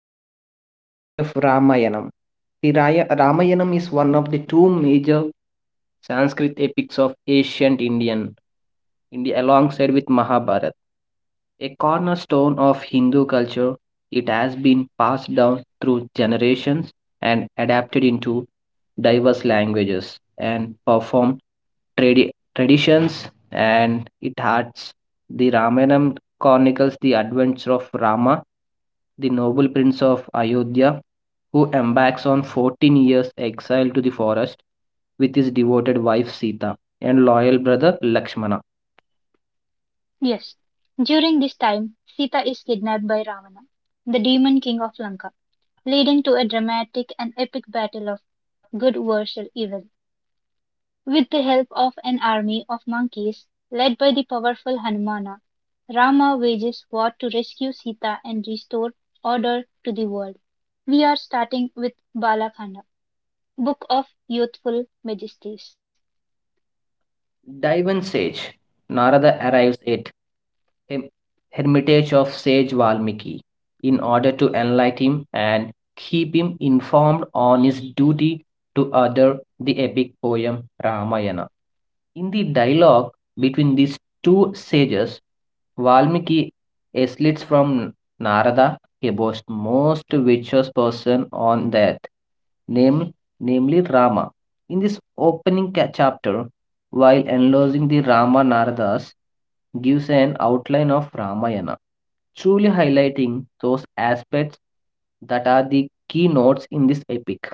an epic story of Ramayanam. Ramayanam is one of the two major Sanskrit epics of India alongside with Mahabharata. A cornerstone of Hindu culture, it has been passed down through generations and adapted into diverse languages and performed tradi- traditions, and it has the Ramayana chronicles the adventure of Rama, the noble prince of Ayodhya, who embarks on 14 years exile to the forest with his devoted wife Sita and loyal brother Lakshmana. Yes. During this time, Sita is kidnapped by Ravana, the demon king of Lanka, leading to a dramatic and epic battle of good versus evil. With the help of an army of monkeys led by the powerful Hanumana, Rama wages war to rescue Sita and restore order to the world. We are starting with Balakhanda, Book of Youthful Majesties. Dive and Sage Narada arrives at hem- hermitage of sage Valmiki in order to enlighten him and keep him informed on his duty to utter the epic poem Ramayana. In the dialogue between these two sages, Valmiki eslits from Narada, a most virtuous person on earth, name, namely Rama. In this opening chapter, while enlarging the Rama Naradas, gives an outline of Ramayana truly highlighting those aspects that are the key notes in this epic,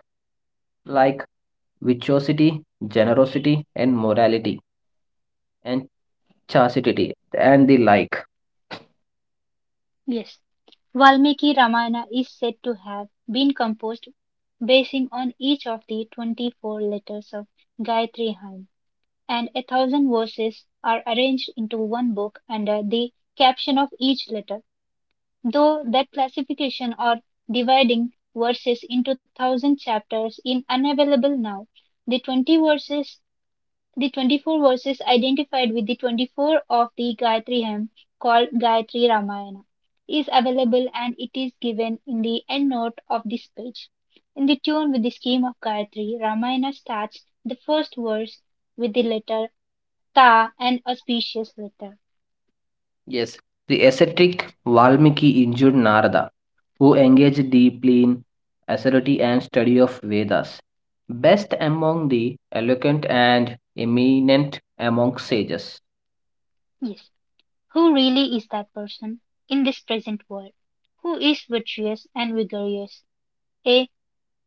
like virtuosity, generosity, and morality, and chastity, and the like. Yes, Valmiki Ramayana is said to have been composed basing on each of the 24 letters of Gayatri hymn, and 1,000 verses are arranged into one book under the caption of each letter. Though that classification or dividing verses into 1,000 chapters is unavailable now, the 20 verses the 24 verses identified with the 24 of the Gayatri hymn, called Gayatri Ramayana, is available and it is given in the endnote of this page. In the tune with the scheme of Gayatri, Ramayana starts the first verse with the letter Ta, an auspicious letter. Yes, the ascetic Valmiki injured Narada, who engaged deeply in authority and study of Vedas. Best among the eloquent and eminent among sages. Yes. Who really is that person in this present world? Who is virtuous and vigorous? Eh,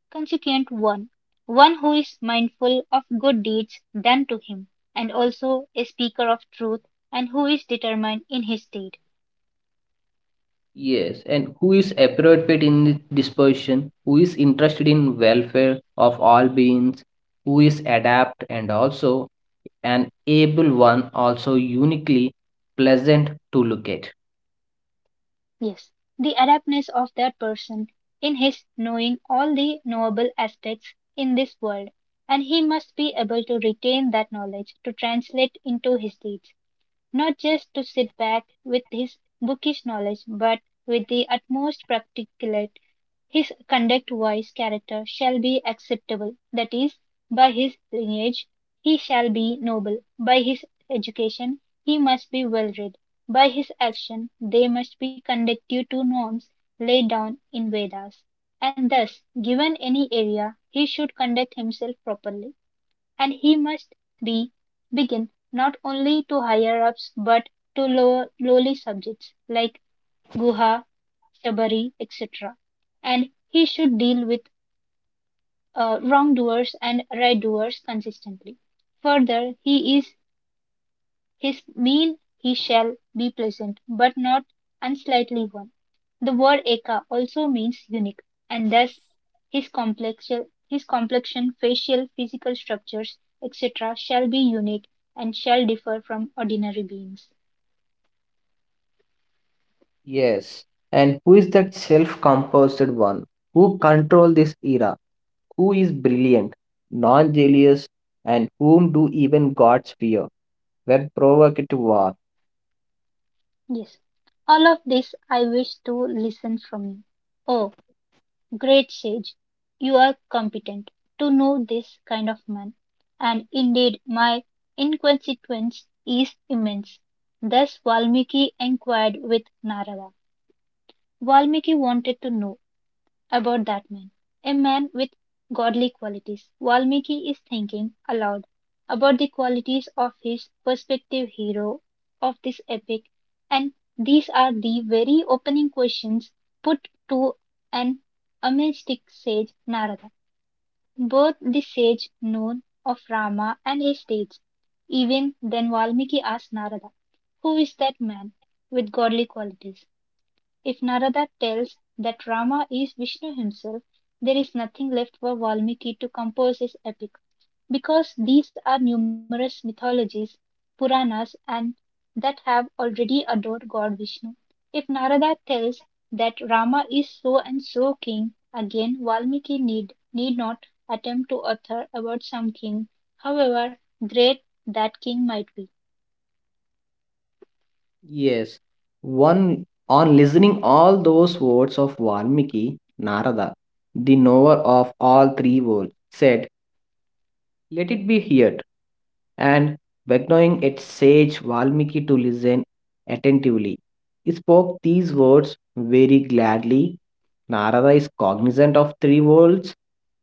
consequent one, one who is mindful of good deeds done to him, and also a speaker of truth, and who is determined in his state. Yes, and who is appropriate in this position? Who is interested in welfare of all beings? Who is adept and also an able one, also uniquely pleasant to look at? Yes, the adeptness of that person in his knowing all the knowable aspects in this world, and he must be able to retain that knowledge to translate into his deeds. Not just to sit back with his bookish knowledge, but with the utmost practicality. His conduct wise character shall be acceptable, that is, by his lineage he shall be noble, by his education he must be well read, by his action they must be conducive to norms laid down in Vedas. And thus, given any area, he should conduct himself properly. And he must be begin not only to higher ups but to low, lowly subjects like Guha, Shabari, etc. And he should deal with wrongdoers and right doers consistently. Further, he is his mean he shall be pleasant, but not unsightly one. The word eka also means unique, and thus his complexion, facial, physical structures, etc., shall be unique and shall differ from ordinary beings. Yes, and who is that self-composed one? Who control this era? Who is brilliant, non-jealous, and whom do even gods fear when provoked to war? Yes, all of this I wish to listen from you. Oh, Great sage, you are competent to know this kind of man, and indeed my inconsequence is immense." Thus Valmiki inquired with Narada. Valmiki wanted to know about that man, a man with godly qualities. Valmiki is thinking aloud about the qualities of his prospective hero of this epic, and these are the very opening questions put to an Amestic sage Narada. Both the sage known of Rama and his deeds. Even then Valmiki asks Narada, who is that man with godly qualities? If Narada tells that Rama is Vishnu himself, there is nothing left for Valmiki to compose his epic. Because these are numerous mythologies, Puranas, and that have already adored God Vishnu. If Narada tells that Rama is so and so king, again Valmiki need not attempt to author about some king, however great that king might be. Yes, one on listening all those words of Valmiki, Narada, the knower of all three worlds, said, let it be heard, and beckoning its sage Valmiki to listen attentively. He spoke these words very gladly. Narada is cognizant of three worlds,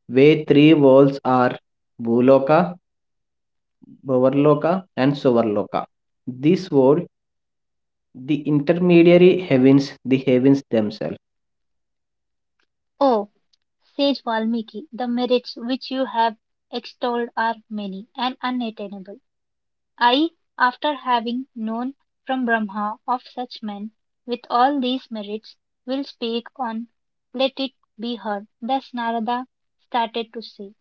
where three worlds are Bhuloka, Bhavarloka, and Suvarloka. This world, the intermediary heavens, the heavens themselves. Oh, Sage Valmiki, the merits which you have extolled are many and unattainable. I, after having known from Brahma of such men with all these merits, will speak on. Let it be heard. Thus Narada started to say.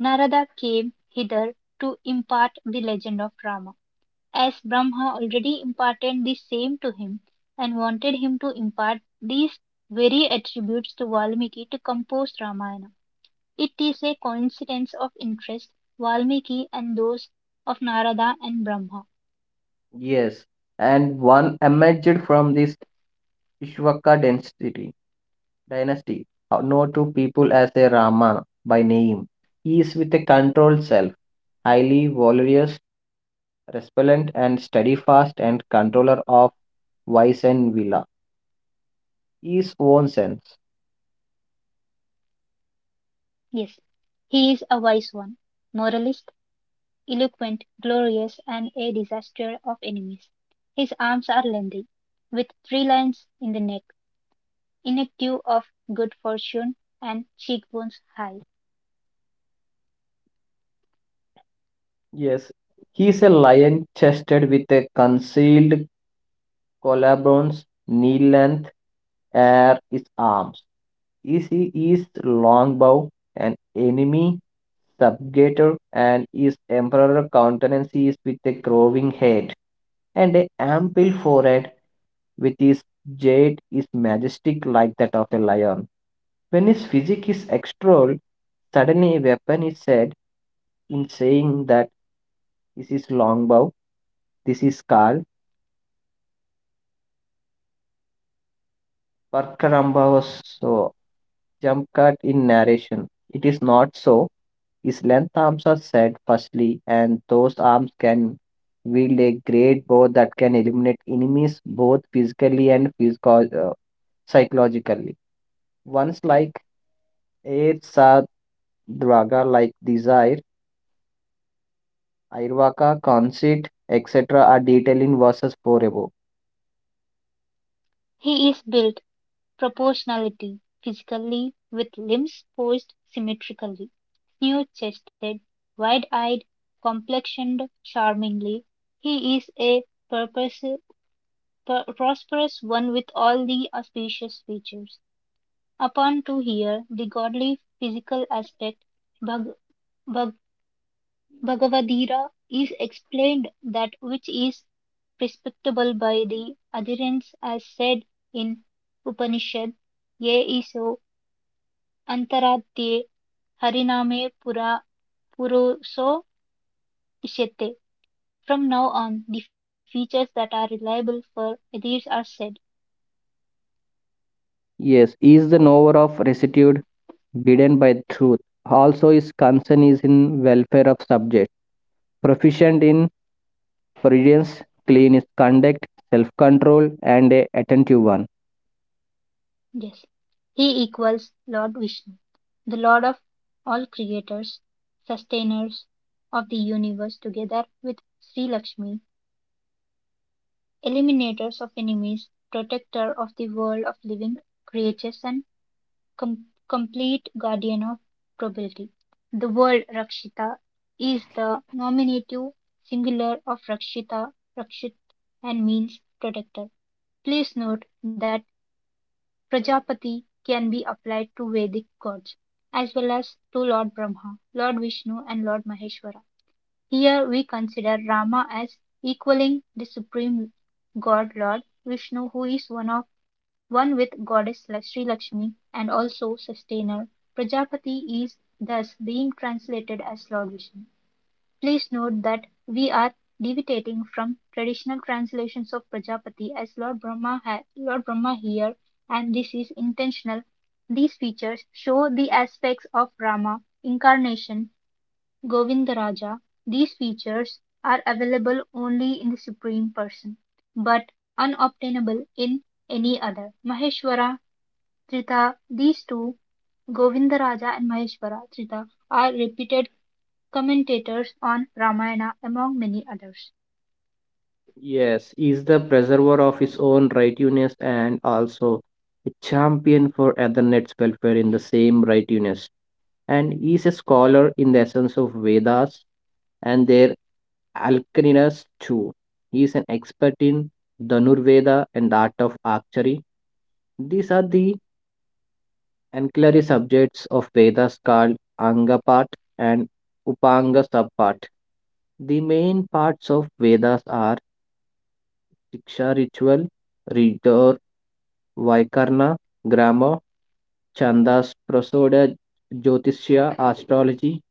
Narada came hither to impart the legend of Rama. As Brahma already imparted the same to him, and wanted him to impart these very attributes to Valmiki to compose Ramayana. It is a coincidence of interest, Valmiki and those of Narada and Brahma. Yes, and one emerged from this Ishvaka density dynasty, known to people as a Rama by name. He is with a controlled self, highly valorous, resplendent, and steadfast, and controller of vice and villa, his own sense. Yes, he is a wise one, moralist, eloquent, glorious, and a disaster of enemies. His arms are lengthy, with three lines in the neck, inactive of good fortune, and cheekbones high. Yes, he is a lion chested with a concealed collarbones, knee length, are his arms. Is he is long bow, an enemy subjugator, and his emperor countenances with a growing head, and a ample forehead with his jade is majestic like that of a lion. When his physique is extolled, suddenly a weapon is said in saying that this is longbow, this is Karl. Parkaramba was so jump cut in narration. It is not so. His length arms are set firstly, and those arms can wield a great bow that can eliminate enemies both physically and psychologically. Ones like Eretsa Draga, like Desire, Airvaka, Conceit, etc., are detailed in verses 4 above. He is built proportionality: physically, with limbs posed symmetrically, smooth-chested, wide-eyed, complexioned charmingly, he is a prosperous one with all the auspicious features. Upon to hear the godly physical aspect, Bhag- Bhag- Bhagavadira, is explained that which is perceptible by the adherents as said in Upanishad, Ye iso Antaratye hariname Pura puruso isyate. From now on, the features that are reliable for Atheists are said. Yes, he is the knower of rectitude, bidden by truth. Also, his concern is in welfare of subject, proficient in prudence, clean conduct, self control, and a attentive one. Yes, he equals Lord Vishnu, the Lord of all creators, sustainers of the universe, together with Sri Lakshmi, eliminators of enemies, protector of the world of living creatures, and com- complete guardian of probability. The word Rakshita is the nominative singular of Rakshita, Rakshit, and means protector. Please note that Prajapati can be applied to Vedic gods as well as to Lord Brahma, Lord Vishnu, and Lord Maheshwara. Here we consider Rama as equaling the supreme god Lord Vishnu, who is one of one with goddess like Sri Lakshmi and also sustainer. Prajapati is thus being translated as Lord Vishnu. Please note that we are deviating from traditional translations of Prajapati as Lord Brahma here, and this is intentional. These features show the aspects of Rama, incarnation, Govindaraja. These features are available only in the Supreme Person, but unobtainable in any other. Maheshwara Trita. These two, Govindaraja and Maheshwara Trita, are reputed commentators on Ramayana among many others. Yes, is the preserver of his own righteousness and also a champion for Ethernet welfare in the same righteousness. And he is a scholar in the essence of Vedas and their alchemists too. He is an expert in Dhanurveda and the art of archery. These are the ancillary subjects of Vedas called Anga part and Upanga subpart. The main parts of Vedas are Shiksha ritual, Ritor, Vaikarna, grammar, Chandas, Prasoda, Jyotishya, astrology,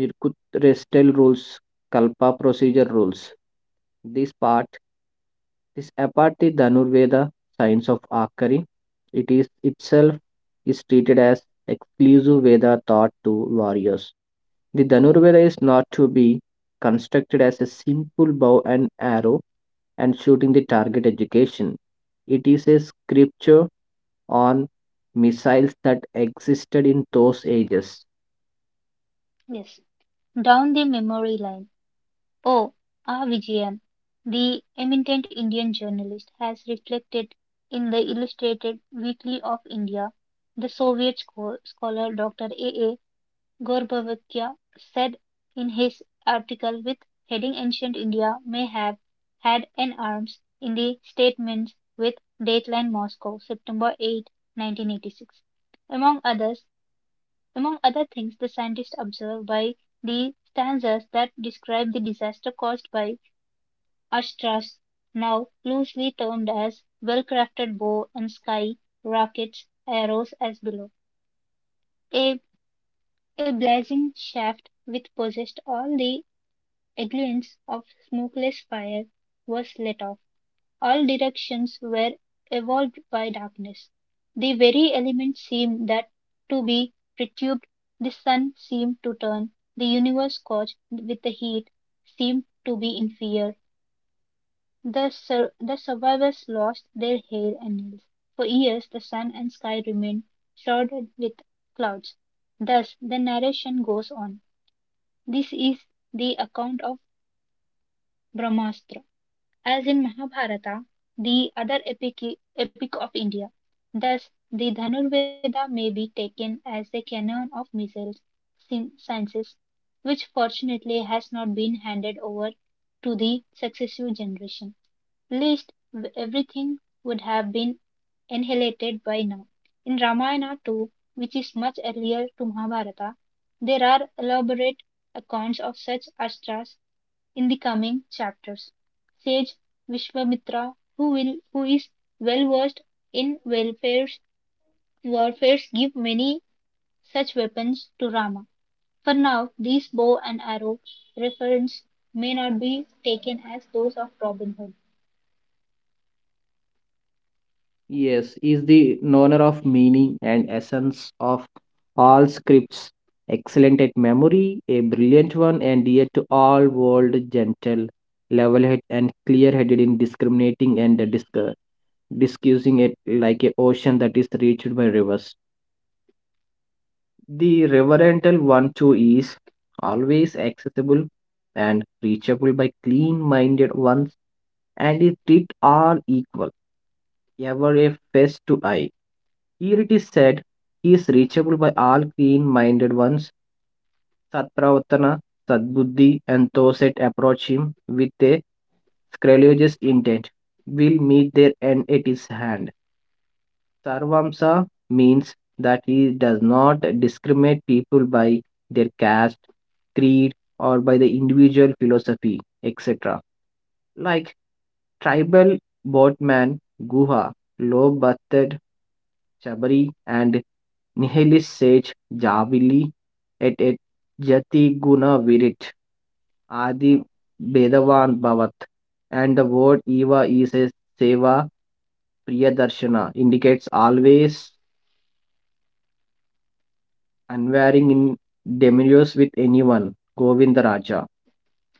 Nirkut, Restel rules, Kalpa procedure rules. This part, this apathy Dhanurveda, science of Akari, it is itself is treated as exclusive Veda taught to warriors. The Dhanurveda is not to be constructed as a simple bow and arrow and shooting the target education. It is a scripture on missiles that existed in those ages. Yes. Down the memory line. Oh, R. Vijayan, the eminent Indian journalist, has reflected in the Illustrated Weekly of India. The Soviet scholar Dr. A. A. Gorbachev said in his article with heading Ancient India may have had an arms in the statements with dateline Moscow, September 8, 1986. Among others, among other things, the scientists observed by the stanzas that describe the disaster caused by Astras, now loosely termed as well-crafted bow and sky rockets, arrows as below. A a blazing shaft which possessed all the elements of smokeless fire was let off. All directions were evolved by darkness. The very elements seemed that to be perturbed, the sun seemed to turn, the universe scorched with the heat seemed to be in fear. The survivors lost their hair and nails. For years the sun and sky remained shrouded with clouds. Thus the narration goes on. This is the account of Brahmastra, as in Mahabharata, the other epic of India. Thus, the Dhanurveda may be taken as a canon of missile sciences, which fortunately has not been handed over to the successive generation, least, everything would have been annihilated by now. In Ramayana too, which is much earlier to Mahabharata, there are elaborate accounts of such astras in the coming chapters. Sage Vishwamitra, who is well versed in warfare's warfares give many such weapons to Rama. For now, these bow and arrow reference may not be taken as those of Robin Hood. Yes, is the knower of meaning and essence of all scripts, excellent at memory, a brilliant one, and dear to all world, gentle, level-headed, and clear-headed in discriminating and discussing it like a ocean that is reached by rivers. The reverential one too is always accessible and reachable by clean-minded ones, and it treat all equal ever a face to eye. Here it is said he is reachable by all clean minded ones. Satpravatana, Sadbuddhi, and those that approach him with a scrupulous intent will meet their end at his hand. Sarvamsa means that he does not discriminate people by their caste, creed, or by the individual philosophy, etc. Like tribal boatman Guha, low bathed Chabari, and Nihilis sage Javili et et jati guna virit adi bedavan bhavat. And the word Eva is a seva priyadarshana indicates always unwearing in demurios with anyone, Govindaraja.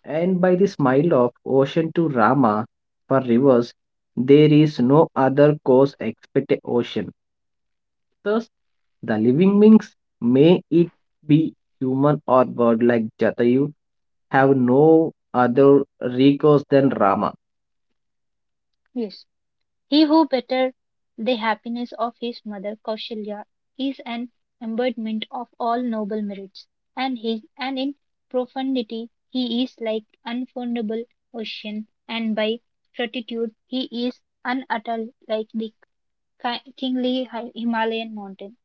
And by the smile of ocean to Rama for rivers, there is no other cause except a ocean. Thus, the living beings may it be human or bird like Jatayu have no other recourse than Rama. Yes. He who bettered the happiness of his mother Kausalya is an embodiment of all noble merits, and he and in profundity he is like unfordable ocean, and by fortitude he is unutterable like the kingly Himalayan mountain.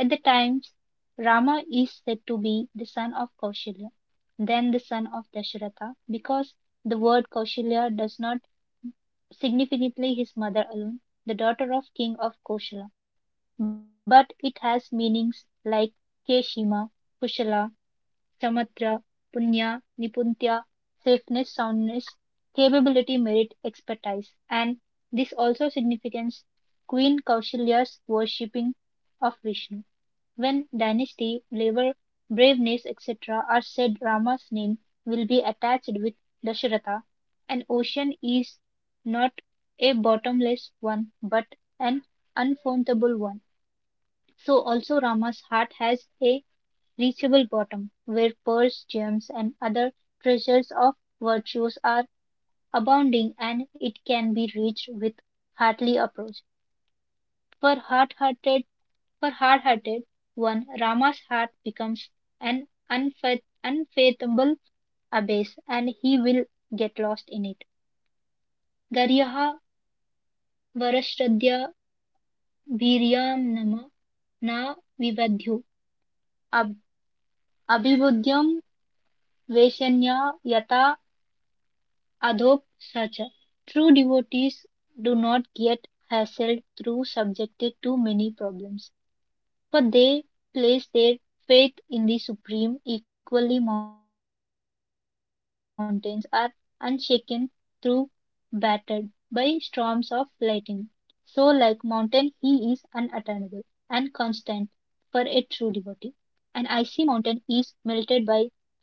At the times Rama is said to be the son of Kausalya, then the son of Dasharatha, because the word Kausalya does not significantly his mother alone, the daughter of king of Kosala. But it has meanings like Keshima, Kushala, Chamatra, Punya, Nipuntya, safeness, soundness, capability, merit, expertise. And this also signifies Queen Kaushalya's worshipping of Vishnu. When dynasty, labor, braveness, etc., are said, Rama's name will be attached with Dasharatha. An ocean is not a bottomless one, but an unfathomable one. So also Rama's heart has a reachable bottom, where pearls, gems, and other treasures of virtues are abounding, and it can be reached with heartly approach. For hard-hearted, for hard-hearted one, Rama's heart becomes an unfathomable abyss, and he will get lost in it. Garyaha varashradya bhiryam nama na vivadhu ab- abhibudyam veshanya yata adhop sacha. True devotees do not get hassled through subjected to many problems. For they place their faith in the supreme, equally mountains are unshaken through battered by storms of lightning. So like mountain he is unattainable and constant for a true devotee. An icy mountain is melted by scorching sun.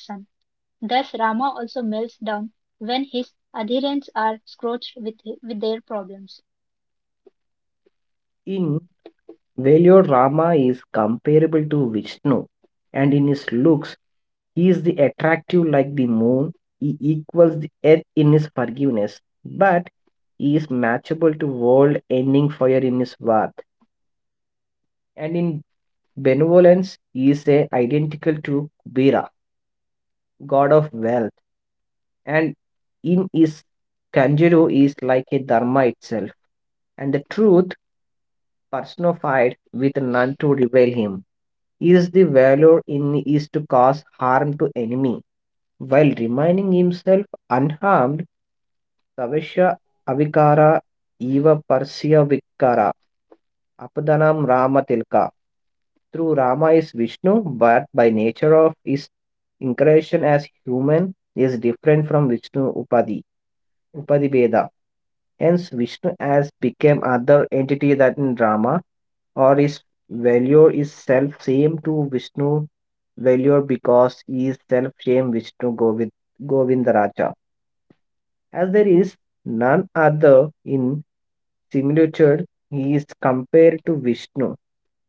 Thus Rama also melts down when his adherents are scorched with their problems. In valor, Rama is comparable to Vishnu, and in his looks, he is the attractive like the moon. He equals the earth in his forgiveness, but he is matchable to world-ending fire in his wrath. And in benevolence, he is a identical to Kubera, god of wealth, and in his Kanjuro is like a dharma itself. And the truth personified with none to reveal him. Is the valor in is to cause harm to enemy while remaining himself unharmed. Savasya avikara eva persya vikara apadanam rama tilka. Through Rama is Vishnu, but by nature of his incarnation as human is different from Vishnu Upadi. Upadibheda. Hence, Vishnu as became other entity that in drama, or his value is self same to Vishnu value because he is self same Vishnu Govind, Govindaraja. As there is none other in similitude, he is compared to Vishnu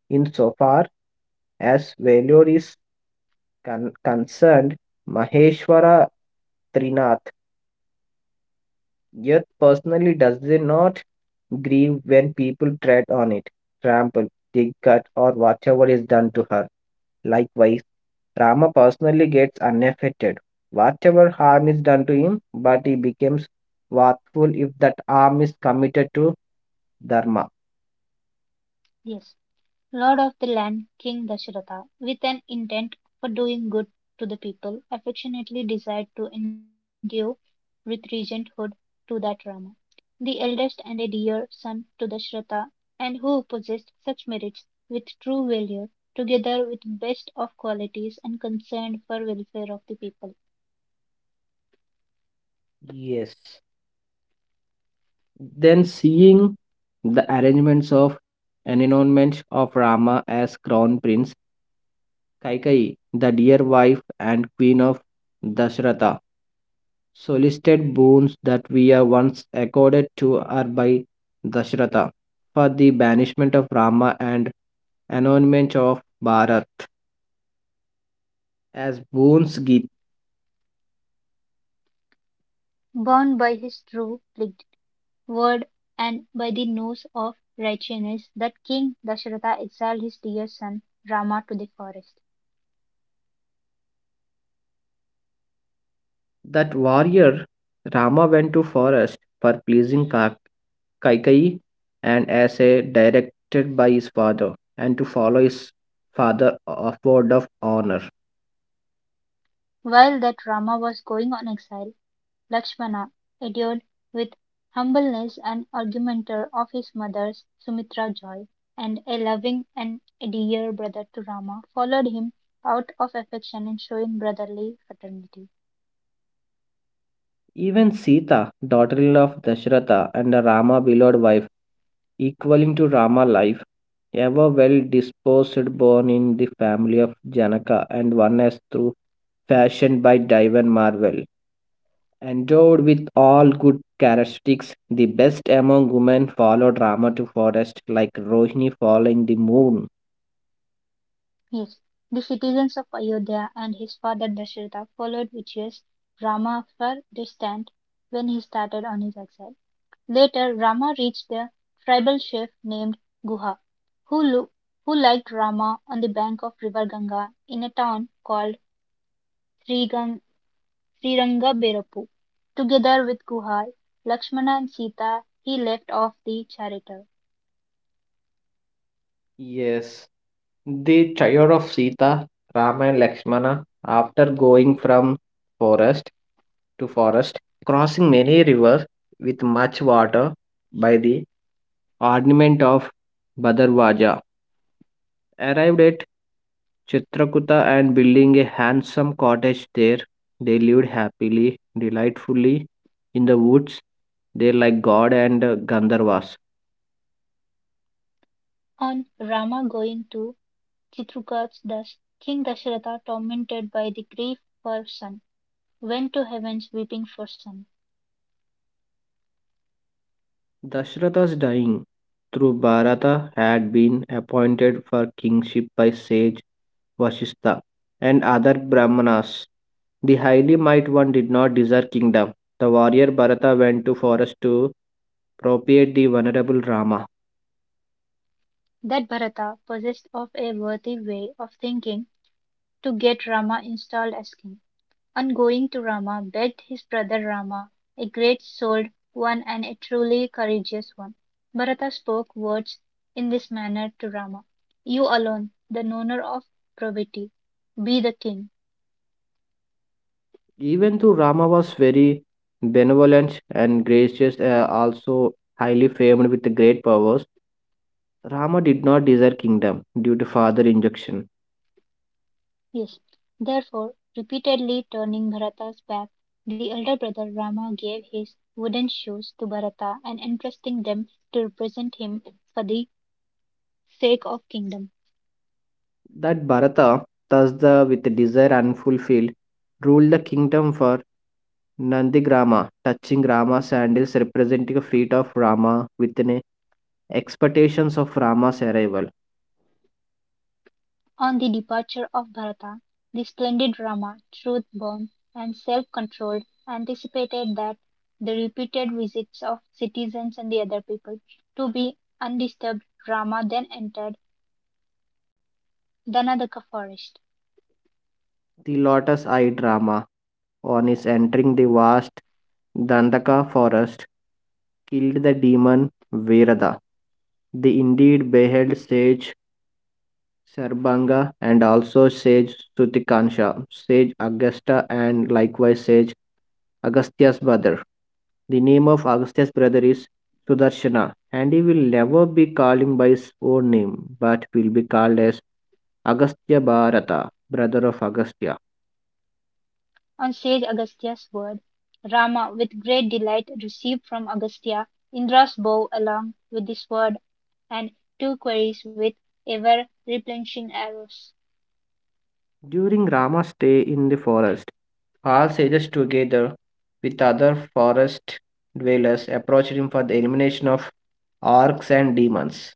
insofar as value is concerned. Maheshwara Trinath yet personally does they not grieve when people tread on it, trample, dig cut or whatever is done to her. Likewise, Rama personally gets unaffected. Whatever harm is done to him, but he becomes wrathful if that harm is committed to Dharma. Yes. Lord of the land, King Dasharatha, with an intent for doing good to the people, affectionately desired to endue with regenthood to that Rama, the eldest and a dear son to Dasharatha, and who possessed such merits with true valor, together with best of qualities and concern for welfare of the people. Yes. Then seeing the arrangements of enthronement of Rama as crown prince, Kaikeyi, the dear wife and queen of Dasharatha, solicited boons that we are once accorded to are by Dashratha for the banishment of Rama and anointment of Bharat as boons gift. Bound by his true word and by the nose of righteousness, that King Dasharatha exiled his dear son Rama to the forest. That warrior Rama went to forest for pleasing Kaikeyi and as a directed by his father and to follow his father of word of honor. While that Rama was going on exile, Lakshmana endured with humbleness and argumenter of his mother's, Sumitra joy, and a loving and a dear brother to Rama followed him out of affection and showing brotherly fraternity. Even Sita, daughter-in-law of Dashratha and the Rama beloved wife equaling to Rama life, ever well disposed, born in the family of Janaka and one as through fashioned by Divan Marvel. Endowed with all good characteristics, the best among women followed Rama to forest like Rohini following the moon. Yes, the citizens of Ayodhya and his father Dashratha followed Vijay's Rama far distant when he started on his exile. Later, Rama reached a tribal chief named Guha, who, lo- who liked Rama on the bank of river Ganga in a town called Srigang- Srirangaberapu. Together with Guha, Lakshmana and Sita, he left off the charioteer. Yes, the child of Sita, Rama and Lakshmana, after going from forest to forest, crossing many rivers with much water by the Armament of Bhadarwaja arrived at Chitrakuta and building a handsome cottage there, they lived happily, delightfully in the woods. They like God and Gandharvas. On Rama going to Chitrakuta thus, King Dasharatha, tormented by the grief for son, went to heavens weeping for son. Dashrata's dying, Dhrubarata had been appointed for kingship by sage Vasistha and other Brahmanas. The highly might one did not desire kingdom. The warrior Bharata went to forest to propitiate the venerable Rama. That Bharata possessed of a worthy way of thinking to get Rama installed as king, and going to Rama begged his brother Rama, a great souled one and a truly courageous one. Bharata spoke words in this manner to Rama: "You alone, the knower of probity, be the king." Even though Rama was very benevolent and gracious, also highly famed with great powers, Rama did not desire kingdom due to father injunction. Yes. Therefore, repeatedly turning Bharata's back, the elder brother Rama gave his wooden shoes to Bharata and entrusting them to represent him for the sake of kingdom. That Bharata, thus with desire unfulfilled, ruled the kingdom for Nandigrama, touching Rama's sandals representing the feet of Rama with expectations of Rama's arrival. On the departure of Bharata, the splendid Rama, truth born and self controlled, anticipated that the repeated visits of citizens and the other people to be undisturbed. Rama then entered Danadaka forest. The lotus eyed Rama, on his entering the vast Dandaka forest, killed the demon Virada. The indeed beheld sage Sarbanga and also sage Sutikansha, sage Augusta, and likewise sage Agastya's brother. The name of Agastya's brother is Sudarshana, and he will never be calling by his own name but will be called as Agastya Bharata, brother of Agastya. On sage Agastya's word, Rama with great delight received from Agastya Indra's bow along with the sword and two quarries with ever replenishing arrows. During Rama's stay in the forest, all sages together with other forest dwellers approached him for the elimination of orcs and demons.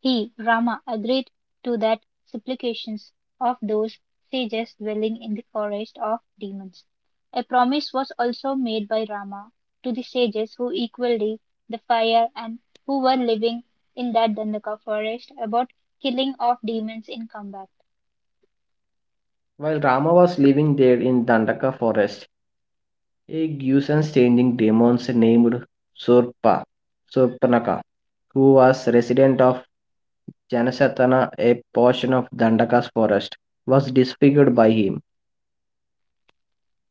He, Rama, agreed to that supplications of those sages dwelling in the forest of demons. A promise was also made by Rama to the sages who equalled the fire and who were living in that Dandaka forest about killing of demons in combat. While Rama was living there in Dandaka forest, a Gyusan changing demons named Surpa, Surpanaka, who was resident of Janasatana, a portion of Dandaka's forest, was disfigured by him.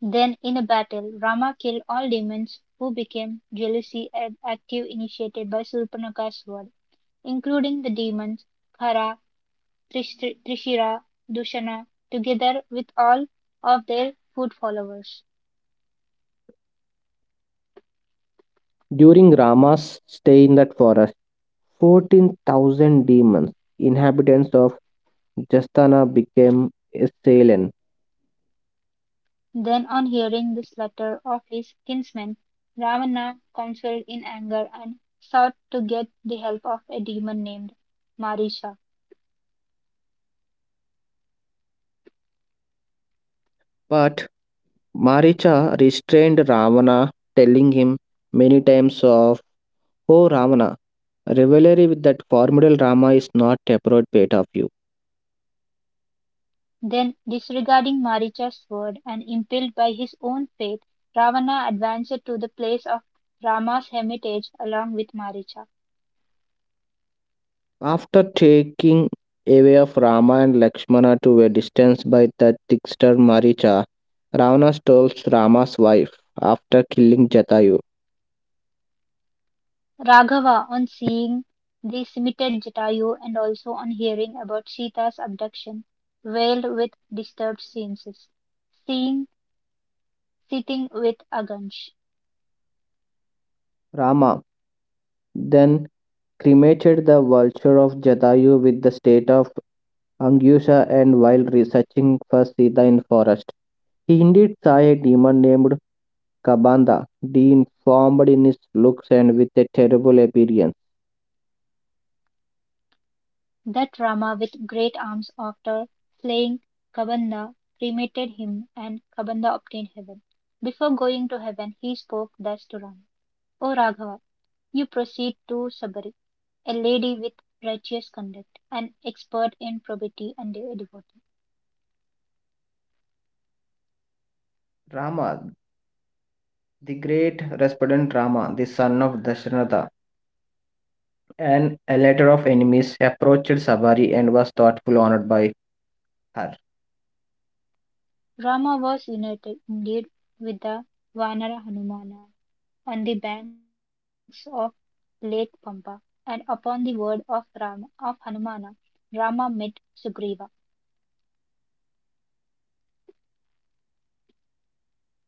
Then in a battle, Rama killed all demons who became jealously active initiated by Surpanaka's word, including the demons Khara, Trishira, Dushana, together with all of their foot followers. During Rama's stay in that forest, 14,000 demons, inhabitants of Jastana became assailant. Then on hearing the slaughter of his kinsmen, Ravana counseled in anger and sought to get the help of a demon named Marisha. But Maricha restrained Ravana, telling him many times of Oh Ravana, rivalry with that formidable Rama is not appropriate bit of you. Then, disregarding Maricha's word and impelled by his own faith, Ravana advanced to the place of Rama's hermitage along with Maricha. After taking away of Rama and Lakshmana to a distance by the trickster Maricha, Ravana steals Rama's wife after killing Jatayu. Raghava, on seeing this, imitated Jatayu and also on hearing about Sita's abduction, wailed with disturbed senses, seeing sitting with Agansh, Rama then cremated the vulture of Jatayu with the state of Angyusha and while researching for Sita in forest, he indeed saw a demon named Kabanda, deformed in his looks and with a terrible appearance. that Rama with great arms after slaying Kabanda cremated him, and Kabanda obtained heaven. Before going to heaven he spoke thus to Rama. O Raghava, you proceed to Sabari, a lady with righteous conduct, an expert in probity and a devotee. Rama, the great resplendent Rama, the son of Dasharatha, an elator of enemies, approached Sabari and was thoughtfully honored by her. Rama was united, indeed, with the Vanara Hanumana on the banks of Lake Pampa, and upon the word of Rama of Hanumana, Rama met Sugriva.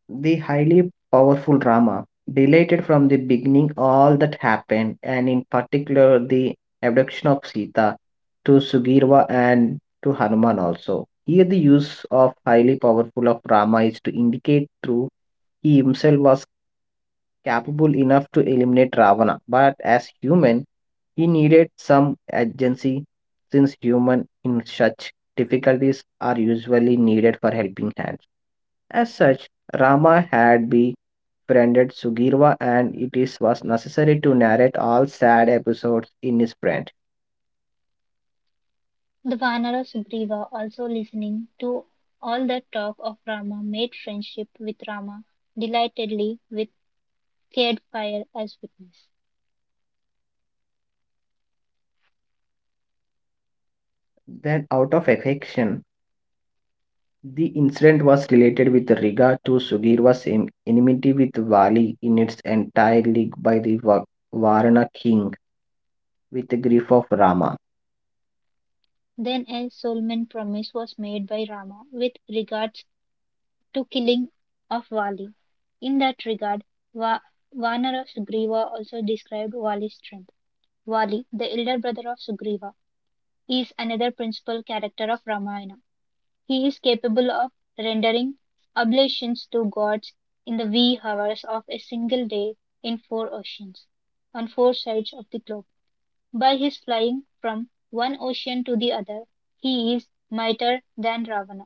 The highly powerful Rama related from the beginning all that happened, and in particular the abduction of Sita to Sugirva and to Hanuman also. Here the use of highly powerful of Rama is to indicate through he himself was capable enough to eliminate Ravana, but as human, he needed some agency since human in such difficulties are usually needed for helping hands. As such, Rama had befriended Sugirwa and was necessary to narrate all sad episodes in his friend. The Vanara Sugriva, also listening to all the talk of Rama, made friendship with Rama delightedly, with Caed Fire as witness. Then out of affection, the incident was related with regard to Sugirwa's enmity with Vali in its entirely by the Varana king with the grief of Rama. Then a solemn promise was made by Rama with regards to killing of Vali. In that regard Va- Vanara Sugriva also described Vali's strength. Vali, the elder brother of Sugriva, is another principal character of Ramayana. He is capable of rendering oblations to gods in the wee hours of a single day in four oceans, on four sides of the globe. By his flying from one ocean to the other, he is mightier than Ravana.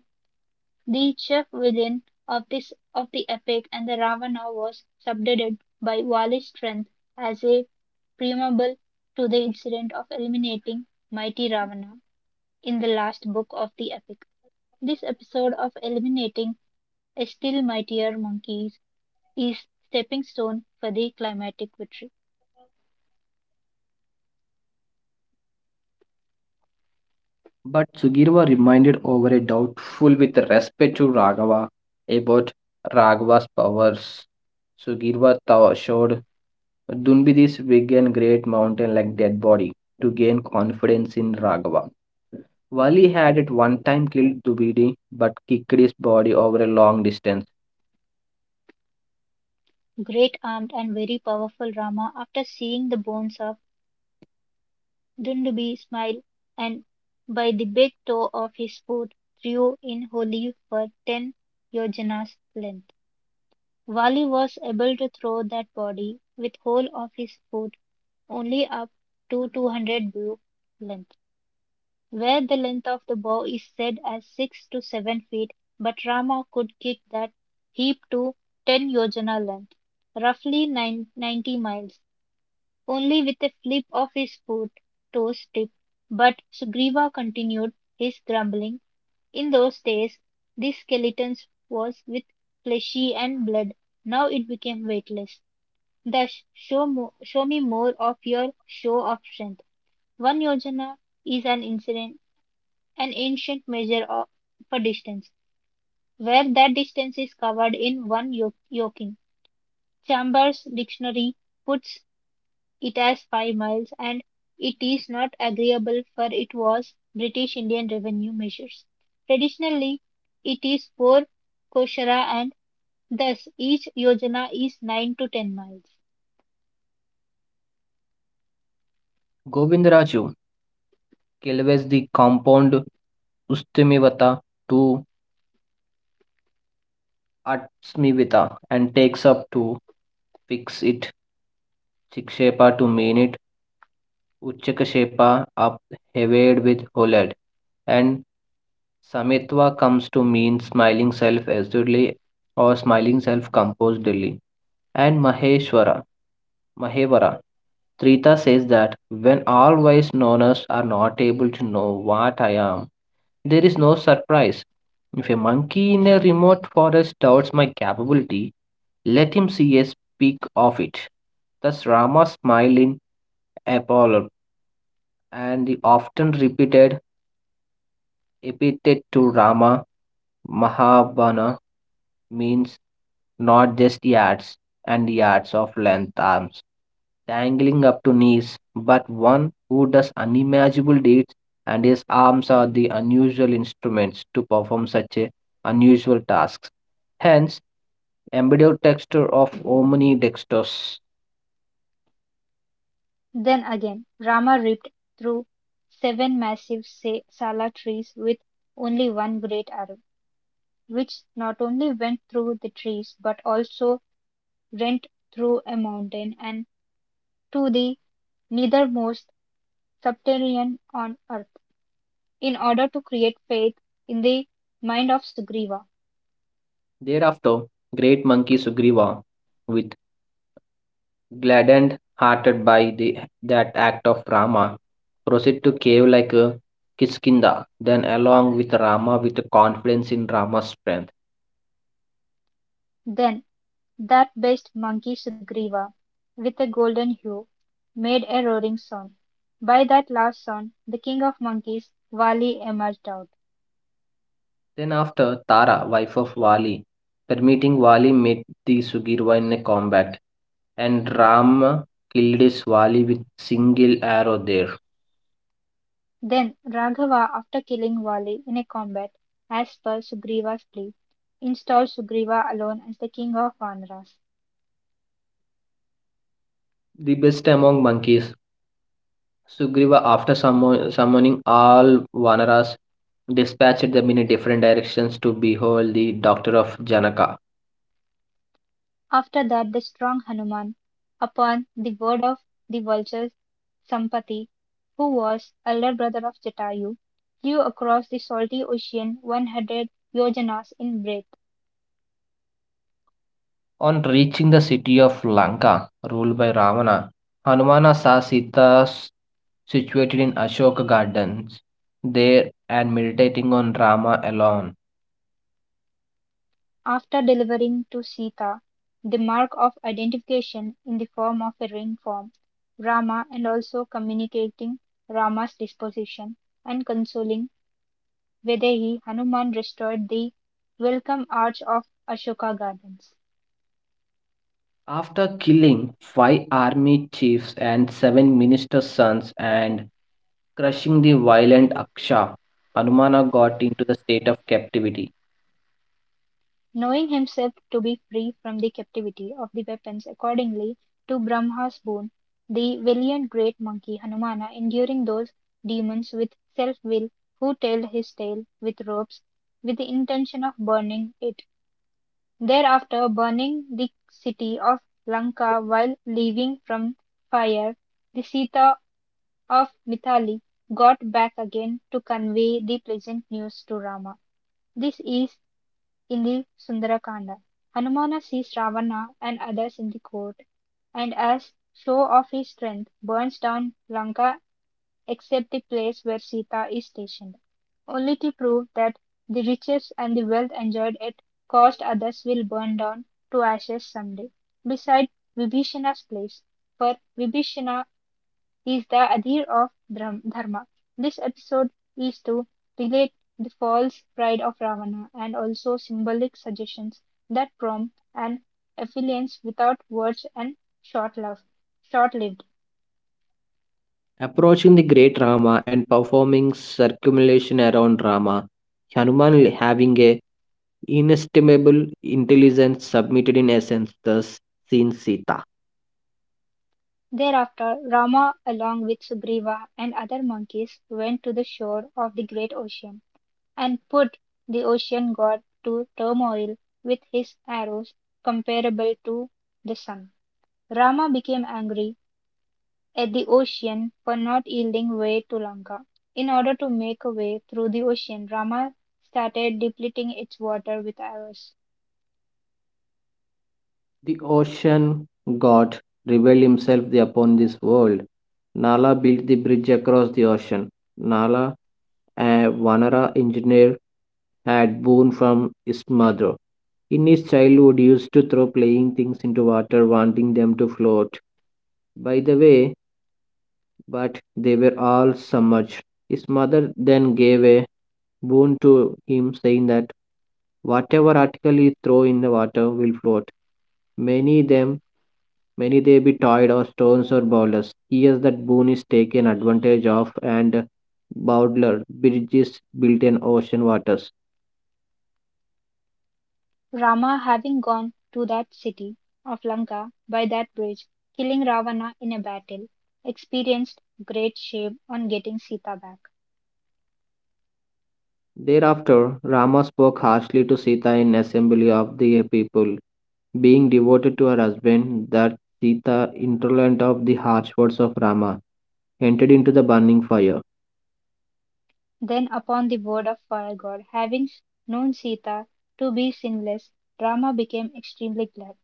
The chief villain of this of the epic and the Ravana was subdued by Vali's strength as a preamble to the incident of eliminating mighty Ravana in the last book of the epic. This episode of eliminating a still mightier monkey is stepping stone for the climatic victory. But Sugirva reminded over a doubtful with respect to Raghava about Raghava's powers. Showed Dunbidis big and great mountain like dead body to gain confidence in Raghava. Vali had at one time killed Dubidi but kicked his body over a long distance. Great armed and very powerful Rama, after seeing the bones of Dunderby, smiled, and by the big toe of his foot, threw in Holy for 10 yojanas' length. Wally was able to throw that body with whole of his foot only up to 200 bow length, where the length of the bow is said as 6 to 7 feet, but Rama could kick that heap to 10 yojana length, roughly 90 miles only with a flip of his foot toes tipped. But Sugriva continued his grumbling. In those days this skeleton was with fleshy and blood. Now it became weightless. Thus, show me more of your show of strength. One yojana is an incident, an ancient measure of, for distance, where that distance is covered in one yoking. Chambers' dictionary puts it has 5 miles, and it is not agreeable for it was British Indian revenue measures. Traditionally, it is four koshara and thus each yojana is 9 to 10 miles. Govindraju kills the compound Ustimivata to Atsmivita and takes up to fix it Shikshepa to mean it, Uchchakashepa up heaved with OLED, and Samitva comes to mean smiling self assuredly or smiling self composedly, and Maheshwara, Mahevara. Trita says that when all wise knowers are not able to know what I am, there is no surprise. If a monkey in a remote forest doubts my capability, let him see a speck of it. Thus Rama smiled in Apollo and the often repeated epithet to Rama Mahabana means not just yards and yards of length arms dangling up to knees, but one who does unimaginable deeds, and his arms are the unusual instruments to perform such a unusual tasks. Hence, embedded texture of omnidextrous. Then again, Rama ripped through seven massive sala trees with only one great arrow, which not only went through the trees but also rent through a mountain and to the nethermost subterranean on earth, in order to create faith in the mind of Sugriva. Thereafter, great monkey Sugriva, with Gladdened, hearted by the, that act of Rama, proceed to cave like a Kiskinda, then along with Rama with confidence in Rama's strength. Then that best monkey Sugriva, with a golden hue, made a roaring sound. By that last sound, the king of monkeys, Vali, emerged out. Then after Tara, wife of Vali, permitting Vali met the Sugirva in a combat, and Rama killed his Vali with single arrow there. Then Raghava, after killing Vali in a combat, as per Sugriva's plea, installed Sugriva alone as the king of Vanaras. The best among monkeys, Sugriva after summoning all Vanaras dispatched them in different directions to behold the doctor of Janaka. After that, the strong Hanuman, upon the word of the vultures, Sampati, who was elder brother of Jatayu, flew across the salty ocean 100 yojanas in breadth, On reaching the city of Lanka, ruled by Ravana, Hanumana saw situated in Ashoka Gardens there and meditating on Rama alone. after delivering to Sita the mark of identification in the form of a ring form Rama and also communicating Rama's disposition and consoling Vaidehi. Hanuman restored the welcome arch of Ashoka Gardens. After killing five army chiefs and seven ministers' sons and crushing the violent Aksha, Hanumana got into the state of captivity. Knowing himself to be free from the captivity of the weapons accordingly to Brahma's boon, the valiant great monkey Hanumana, enduring those demons with self will who tailed his tail with ropes, with the intention of burning it, thereafter burning the city of Lanka while leaving from fire the Sita of Mithali, got back again to convey the pleasant news to Rama. This is in the Sundarakanda. Hanumana sees Ravana and others in the court, and as show of his strength, burns down Lanka except the place where Sita is stationed, only to prove that the riches and the wealth enjoyed at cost others will burn down to ashes someday. Beside Vibhishana's place, for Vibhishana is the idea of dharma. This episode is to relate the false pride of Ravana and also symbolic suggestions that prompt an affluence without words and short love, short lived. Approaching the great Rama and performing circumambulation around Rama, Hanuman having a inestimable intelligence submitted in essence, thus seen Sita. Thereafter, Rama, along with Sugriva and other monkeys, went to the shore of the great ocean and put the ocean god to turmoil with his arrows comparable to the sun. Rama became angry at the ocean for not yielding way to Lanka. In order to make a way through the ocean, Rama started depleting its water with arrows. The ocean god revealed himself upon this world. Nala built the bridge across the ocean. Nala, a Vanara engineer, had born from his mother. In his childhood, he used to throw playing things into water, wanting them to float. By the way, but they were all submerged. His mother then gave a boon to him, saying that whatever article you throw in the water will float. Many them many they be toyed or stones or bowlers. Here's that boon is taken advantage of and Bowdler bridges built in ocean waters. Rama, having gone to that city of Lanka by that bridge, killing Ravana in a battle, experienced great shame on getting Sita back. Thereafter Rama spoke harshly to Sita in assembly of the people. Being devoted to her husband, that Sita, intolerant of the harsh words of Rama, entered into the burning fire. Then upon the word of Fire God, having known Sita to be sinless, Rama became extremely glad.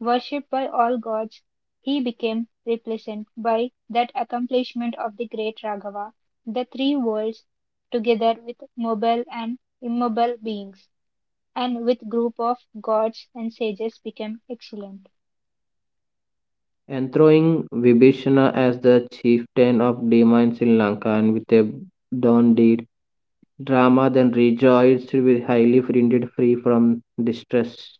Worshipped by all gods, he became replacent by that accomplishment of the great Raghava. The three worlds, together with mobile and immobile beings, and with group of gods and sages, became excellent. Enthroning Vibhishana as the chieftain of Dema in Sri Lanka and with a done deed. Rama then rejoiced with highly printed free from distress.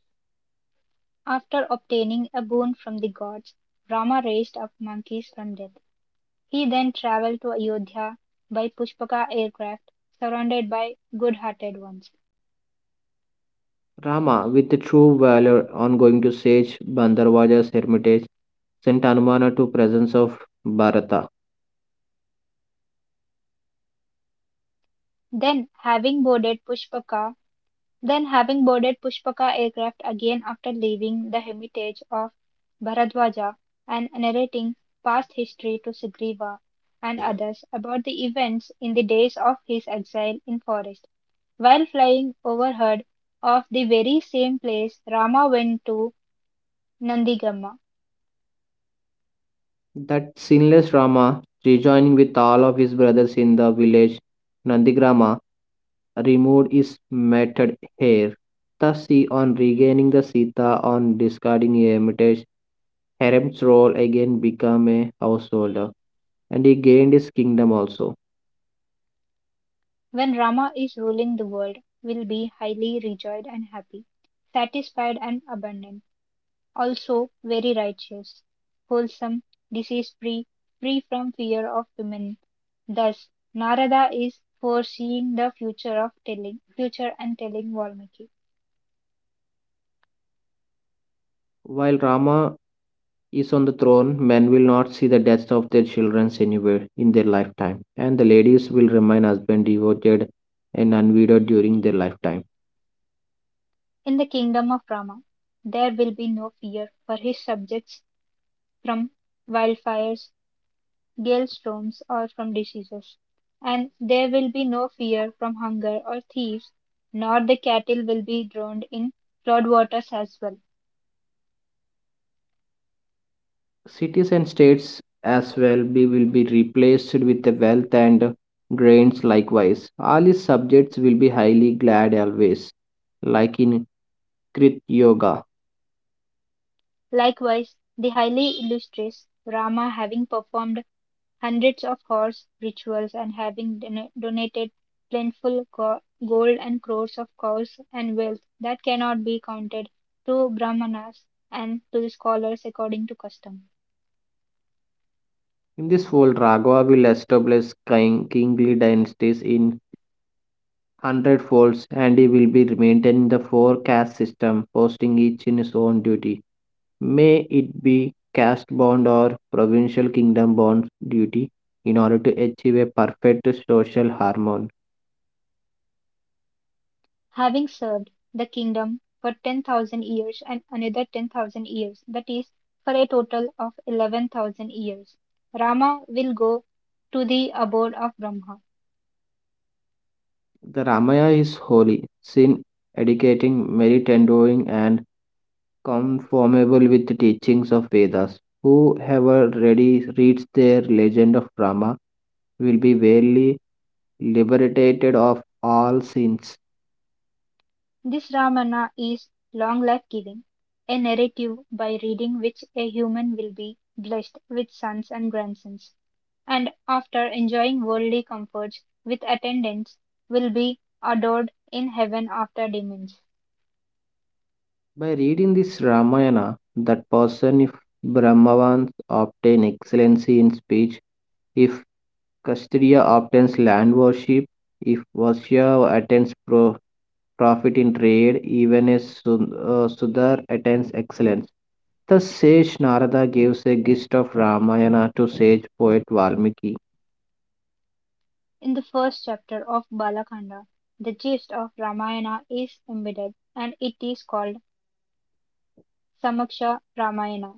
After obtaining a boon from the gods, Rama raised up monkeys from death. He then travelled to Ayodhya by Pushpaka aircraft, surrounded by good-hearted ones. Rama, with true valor, on going to sage Bandarvaja's hermitage, sent Anumana to presence of Bharata. Then, having boarded Pushpaka, then having boarded Pushpaka aircraft again after leaving the hermitage of Bharadwaja and narrating past history to Sugriva and others about the events in the days of his exile in forest. While flying overheard of the very same place Rama went to Nandigamma. That sinless Rama, rejoining with all of his brothers in the village Nandigrama, removed is method here. Thus, on regaining the Sita on discarding a hermitage, Harem's role again became a householder, and he gained his kingdom also. When Rama is ruling the world, will be highly rejoiced and happy, satisfied and abundant, also very righteous, wholesome, disease free, free from fear of women. Thus, Narada is foreseeing the future of telling future and telling Valmiki. While Rama is on the throne, men will not see the deaths of their children anywhere in their lifetime, and the ladies will remain husband devoted and unwedded during their lifetime. In the kingdom of Rama, there will be no fear for his subjects from wildfires, hailstones or from diseases. And there will be no fear from hunger or thieves, nor the cattle will be drowned in flood waters as well. Cities and states will be replaced with the wealth and grains likewise. All his subjects will be highly glad always, like in Krit Yoga. Likewise, the highly illustrious Rama, having performed hundreds of horse rituals and having donated plentiful gold and crores of cows and wealth that cannot be counted to brahmanas and to the scholars according to custom, In this fold, Raghava will establish kingly dynasties in hundred folds and he will be maintaining the four caste system, posting each in his own duty. May it be caste bond or provincial kingdom bond duty in order to achieve a perfect social harmony. having served the kingdom for 10,000 years and another 10,000 years, that is, for a total of 11,000 years. Rama will go to the abode of Brahma. The Ramayana is holy, sin educating, merit endowing, and conformable with the teachings of Vedas. Whoever ready reads their legend of Rama will be verily liberated of all sins. This Ramana is long life giving, a narrative by reading which a human will be blessed with sons and grandsons, and after enjoying worldly comforts with attendants will be adored in heaven after demons. By reading this Ramayana, that person, if Brahmavans obtain excellency in speech, if Kshatriya obtains land worship, if Vasya attains profit in trade, even as Sudar attains excellence. The sage Narada gives a gist of Ramayana to sage poet Valmiki. In the first chapter of Balakanda, the gist of Ramayana is embedded and it is called Samaksha Ramayana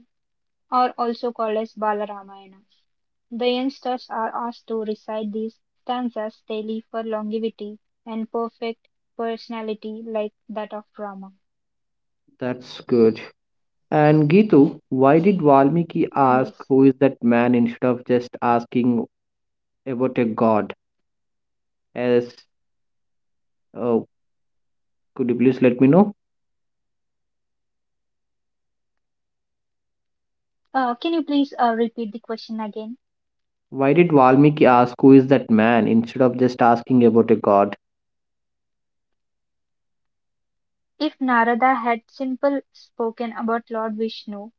or also called as Bala Ramayana. The youngsters are asked to recite these stanzas daily for longevity and perfect personality like that of Rama. That's good. And Gitu, why did Valmiki ask Yes. who is that man instead of just asking about a god? As uh, could you please let me know? Can you please repeat the question again? Why did Valmiki ask who is that man instead of just asking about a god? If Narada had simply spoken about Lord Vishnu,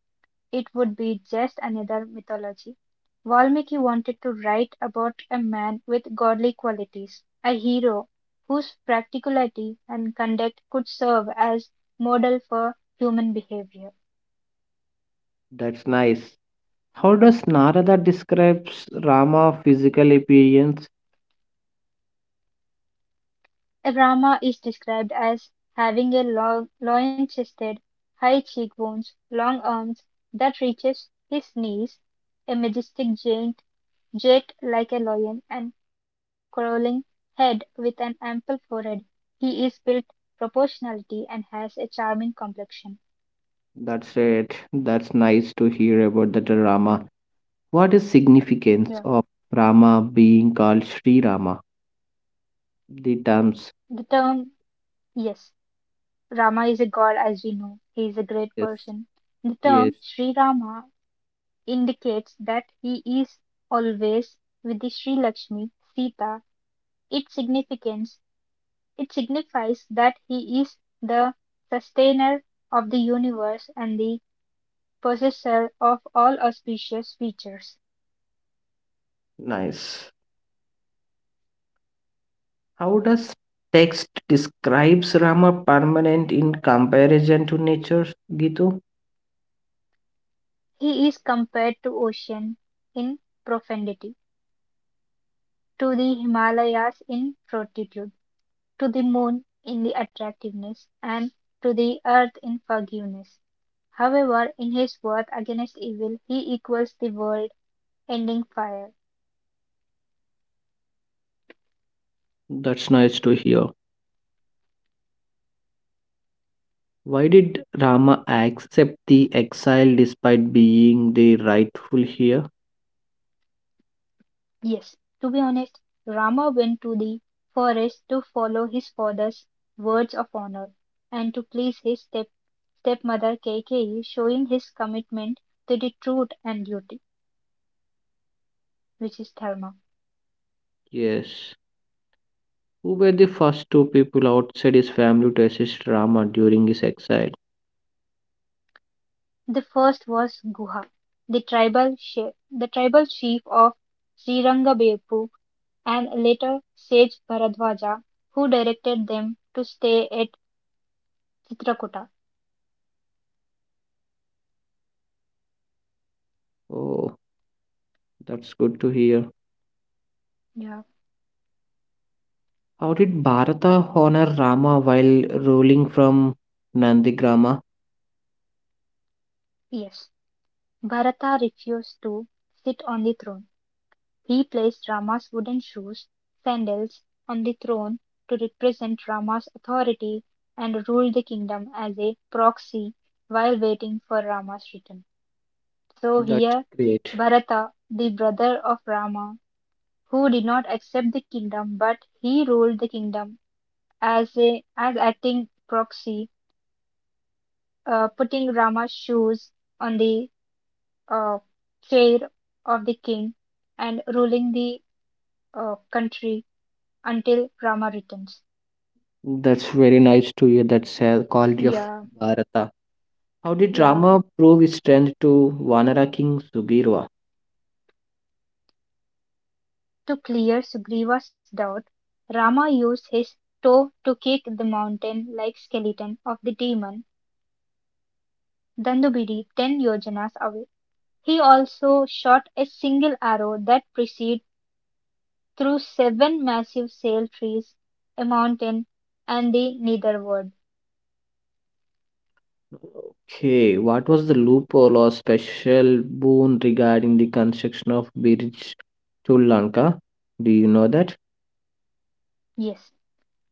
it would be just another mythology. Valmiki wanted to write about a man with godly qualities, a hero whose practicality and conduct could serve as model for human behavior. That's nice. How does Narada describes Rama physical appearance? Rama is described as having a long, loin-chested, high cheekbones, long arms that reaches his knees, a majestic giant jet like a lion and crawling head with an ample forehead, he is built proportionality and has a charming complexion. That's it. That's nice to hear about the Rama. What is significance Yeah. of Rama being called Sri Rama? The terms. The term, yes, Rama is a god as we know. He is a great Yes. person. The Yes. term Sri Rama indicates that he is always with the Sri Lakshmi, Sita. Its significance, it signifies that he is the sustainer of the universe and the possessor of all auspicious features. Nice. How does text describes Rama permanent in comparison to nature, Gitu? He is compared to ocean in profundity, to the Himalayas in fortitude, to the moon in the attractiveness, and to the earth in forgiveness. However, in his worth against evil he equals the world ending fire. That's nice to hear. Why did Rama accept the exile despite being the rightful heir? Yes, to be honest, Rama went to the forest to follow his father's words of honor and to please his stepmother Kaikeyi, showing his commitment to the truth and duty, which is dharma. Yes. Who were the first two people outside his family to assist Rama during his exile? The first was Guha, the tribal chief of Srirangabeppu and later sage Bharadwaja, who directed them to stay at Chitrakuta. Oh, that's good to hear. Yeah. How did Bharata honor Rama while ruling from Nandigrama? Yes, Bharata refused to sit on the throne. He placed Rama's wooden shoes (sandals) on the throne to represent Rama's authority and ruled the kingdom as a proxy while waiting for Rama's return. So That's here great. Bharata, the brother of Rama, who did not accept the kingdom but he ruled the kingdom as acting proxy, putting Rama's shoes on the uh, chair of the king and ruling the country until Rama returns. That's very nice to hear that quality of Yeah, Bharata. How did yeah. Rama prove his strength to Vanara King Sugirwa? To clear Sugriva's doubt, Rama used his toe to kick the mountain like skeleton of the demon Dandubiri ten yojanas away. He also shot a single arrow that proceeded through seven massive sail trees, a mountain, and the netherworld. Okay, what was the loophole or special boon regarding the construction of bridge to Lanka? Do you know that? Yes,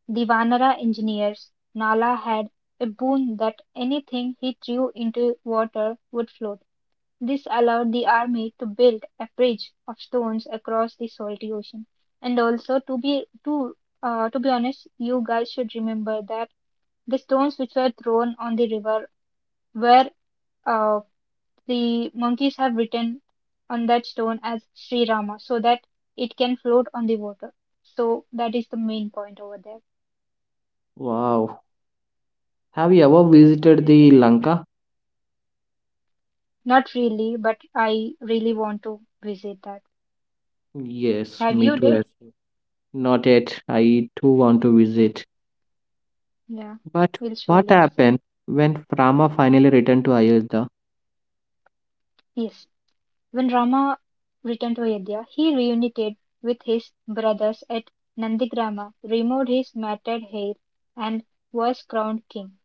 the Vanara engineers, Nala had a boon that anything he threw into water would float. This allowed the army to build a bridge of stones across the salty ocean. And also, to be honest, you guys should remember that the stones which were thrown on the river were uh, the monkeys have written on that stone as Sri Rama so that it can float on the water. So that is the main point over there. Wow. Have you ever visited the Lanka? Not really, but I really want to visit that. Yes, Have me you too. did? Yes. Not yet. I too want to visit. Yeah, But we'll what surely visit. happened when Rama finally returned to Ayodhya? Yes. When Rama returned to Ayodhya, he reunited with his brothers at Nandigrama, removed his matted hair, and was crowned king.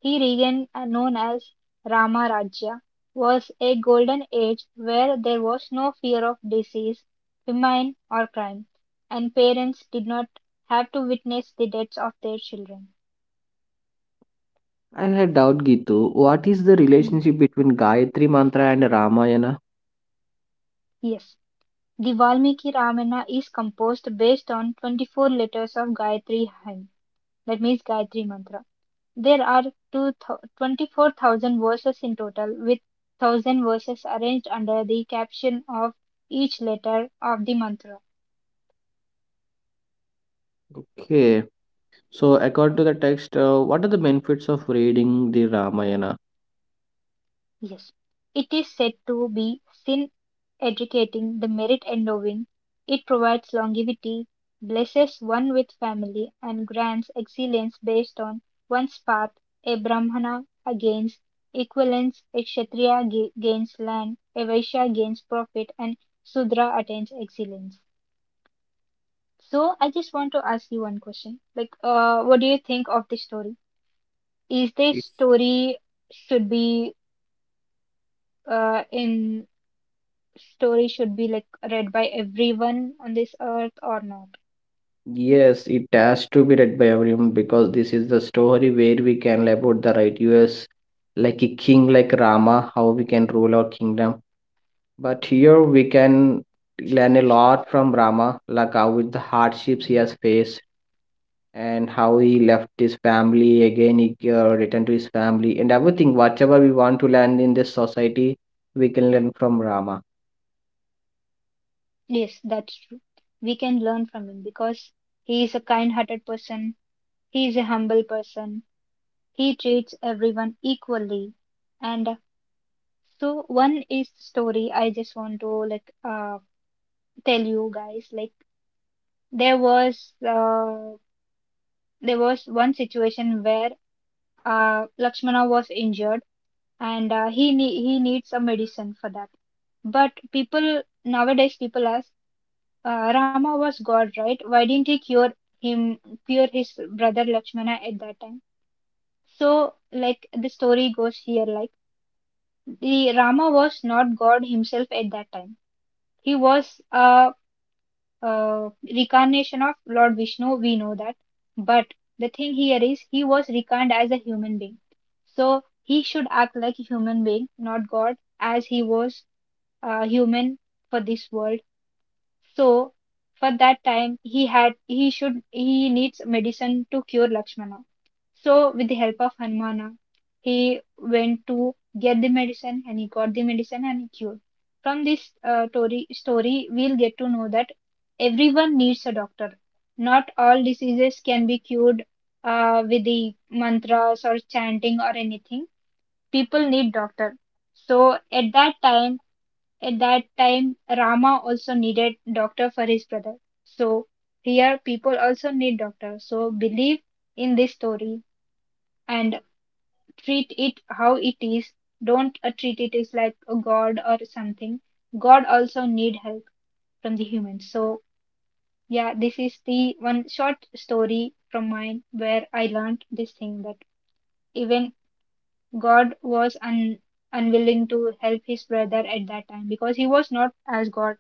He reign known as Rama Rajya was a golden age where there was no fear of disease, famine, or crime, and parents did not have to witness the deaths of their children. I had doubt, Gitu. What is the Hmm. relationship between Gayatri Mantra and Ramayana? Yes. The Valmiki Ramayana is composed based on 24 letters of Gayatri hymn, that means Gayatri Mantra. There are two 24,000 verses in total, with 1,000 verses arranged under the caption of each letter of the mantra. Okay. So, according to the text, what are the benefits of reading the Ramayana? Yes, it is said to be sin educating the merit endowing. It provides longevity, blesses one with family, and grants excellence based on one's path. A Brahmana gains equivalence, a Kshatriya gains land, a Vaishya gains profit, and Sudra attains excellence. So, I just want to ask you one question. Like, what do you think of this story? Is this story should be in story should be like read by everyone on this earth or not. Yes, it has to be read by everyone because this is the story where we can learn about the righteous, like a king like Rama, how we can rule our kingdom. But here we can learn a lot from Rama, like how with the hardships he has faced and how he left his family again, he returned to his family and everything. Whatever we want to learn in this society, we can learn from Rama. Yes, that's true. We can learn from him because he is a kind hearted person, he is a humble person, he treats everyone equally. And so one is the story I just want to tell you guys like there was uh there was one situation where Lakshmana was injured and he needs a medicine for that. But people ask, Rama was God, right? Why didn't he him, cure his brother Lakshmana at that time? So like the story goes here, like the Rama was not God himself at that time. He was a reincarnation of Lord Vishnu. We know that, but the thing here is he was reincarnated as a human being. So he should act like a human being, not God, as he was human for this world. So for that time he had he should he needs medicine to cure Lakshmana. So with the help of Hanumana, he went to get the medicine and he got the medicine and he cured. From this story we'll get to know that everyone needs a doctor. Not all diseases can be cured with the mantras or chanting or anything. People need doctor. So at that time, Rama also needed doctor for his brother. So here people also need doctor. So believe in this story and treat it how it is. Don't treat it as like a god or something. God also need help from the humans. So yeah, this is the one short story from mine where I learned this thing that even God was un- unwilling to help his brother at that time because he was not as God.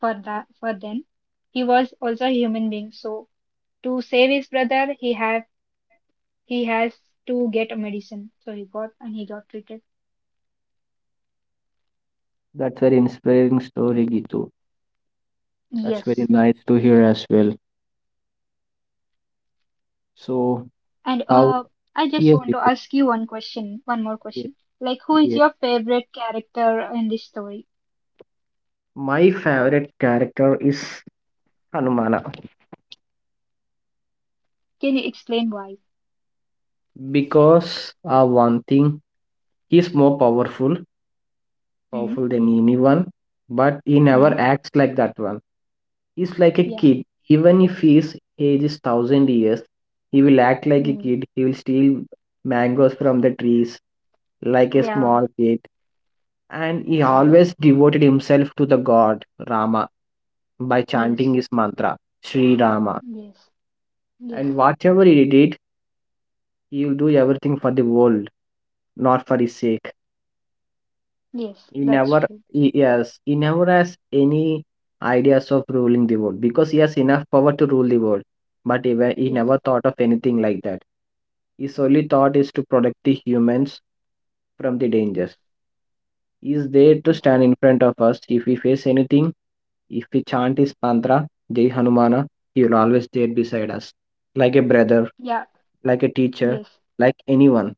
For that for then. He was also a human being, so to save his brother, he has to get a medicine. So he got and he got treated. That's very inspiring story, Gitu. That's very Yes. nice to hear as well. So And how? I just Yes, want to Deepak. ask you one more Yes, question. Like, who is yes. your favorite character in this story? My favorite character is Hanumana Can you explain why? because one thing he's more powerful, Hmm. powerful than anyone, but he never Hmm. acts like that one. He's like a Yeah. kid. Even if his age is thousand years, he will act like a Hmm. kid. He will steal mangoes from the trees like a Yeah. small kid, and he always devoted himself to the god Rama by chanting Yes. his mantra Sri Rama. Yes. Yes. And whatever he did, he will do everything for the world, not for his sake. Yes. He That's never, true. he, yes, he never has any ideas of ruling the world because he has enough power to rule the world. But he Yes. never thought of anything like that. His only thought is to protect the humans from the dangers. He is there to Yes. stand in front of us if we face anything. If we chant his mantra, Jai Hanumana, he will always there beside us, like a brother, Yeah. like a teacher, Yes. like anyone.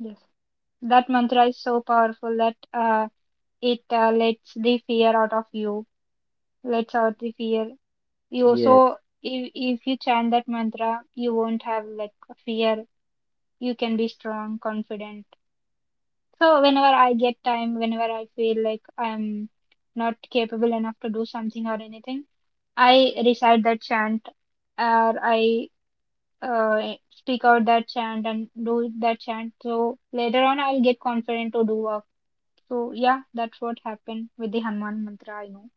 Yes. That mantra is so powerful that it lets the fear out of you, lets out the fear. You so Yes. if you chant that mantra, you won't have like fear. You can be strong, confident. So whenever I get time, whenever I feel like I'm not capable enough to do something or anything, I recite that chant, or I speak out that chant and do that chant. So later on, I'll get confident to do work. So yeah, that's what happened with the Hanuman mantra, I know.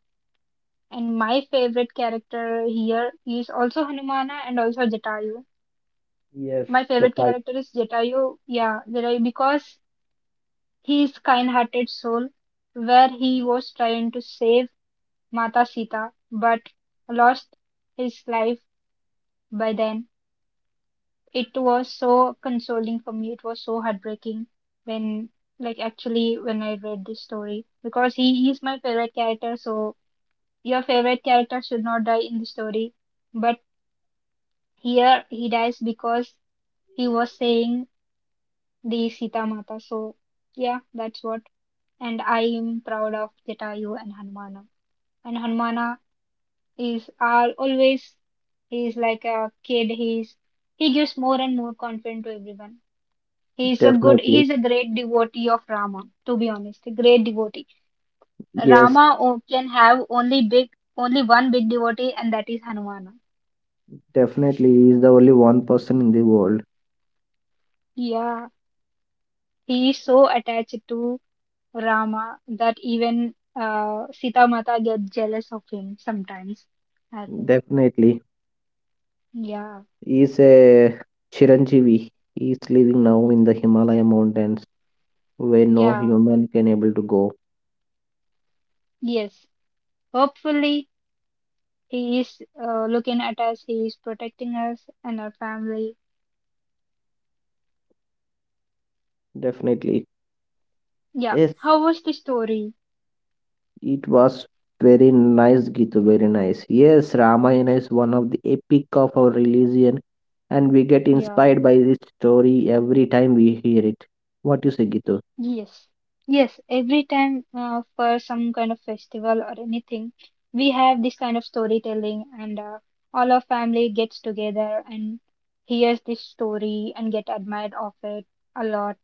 And my favorite character here is also Hanumana and also Jatayu. Yes, My you're favorite right. character is Jatayu, yeah, Jatayu because he is kind-hearted soul where he was trying to save Mata Sita but lost his life by then. It was so consoling for me. It was so heartbreaking when like actually when I read this story because he is my favorite character so. Your favorite character should not die in the story, but here he dies because he was saying the Sita Mata. So, yeah, that's what. And I am proud of Jatayu and Hanumana. And Hanumana is are always he is like a kid. He gives more and more confidence to everyone. He's a good. He's Definitely. a great devotee of Rama. To be honest, a great devotee. Yes, Can have only only one big devotee, and that is Hanumana. definitely. He is the only one person in the world. Yeah. He is so attached to Rama that even Sita Mata get jealous of him sometimes. I think. Definitely. Yeah, He is a Chiranjeevi. He is living now in the Himalaya mountains where no yeah, human can able to go. yes. Hopefully, he is looking at us, he is protecting us and our family. Definitely. Yeah. Yes, How was the story? it was very nice, Gitu. Very nice. Yes, Ramayana is one of the epic of our religion, and we get Yeah. inspired by this story every time we hear it. What you say, Gitu? Yes, yes. Every time for some kind of festival or anything, we have this kind of storytelling, and all our family gets together and hears this story and get admired of it a lot.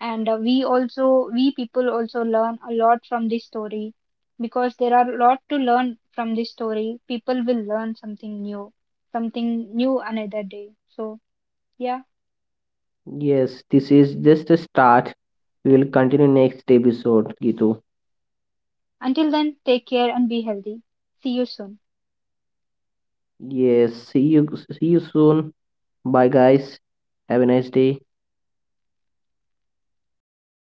And we people also learn a lot from this story because there are a lot to learn from this story. People will learn something new, another day. So, yeah. Yes, this is just a start. We will continue next episode, Gitu. Until then, take care and be healthy. See you soon. Yes, see you soon. Bye guys. Have a nice day. Stop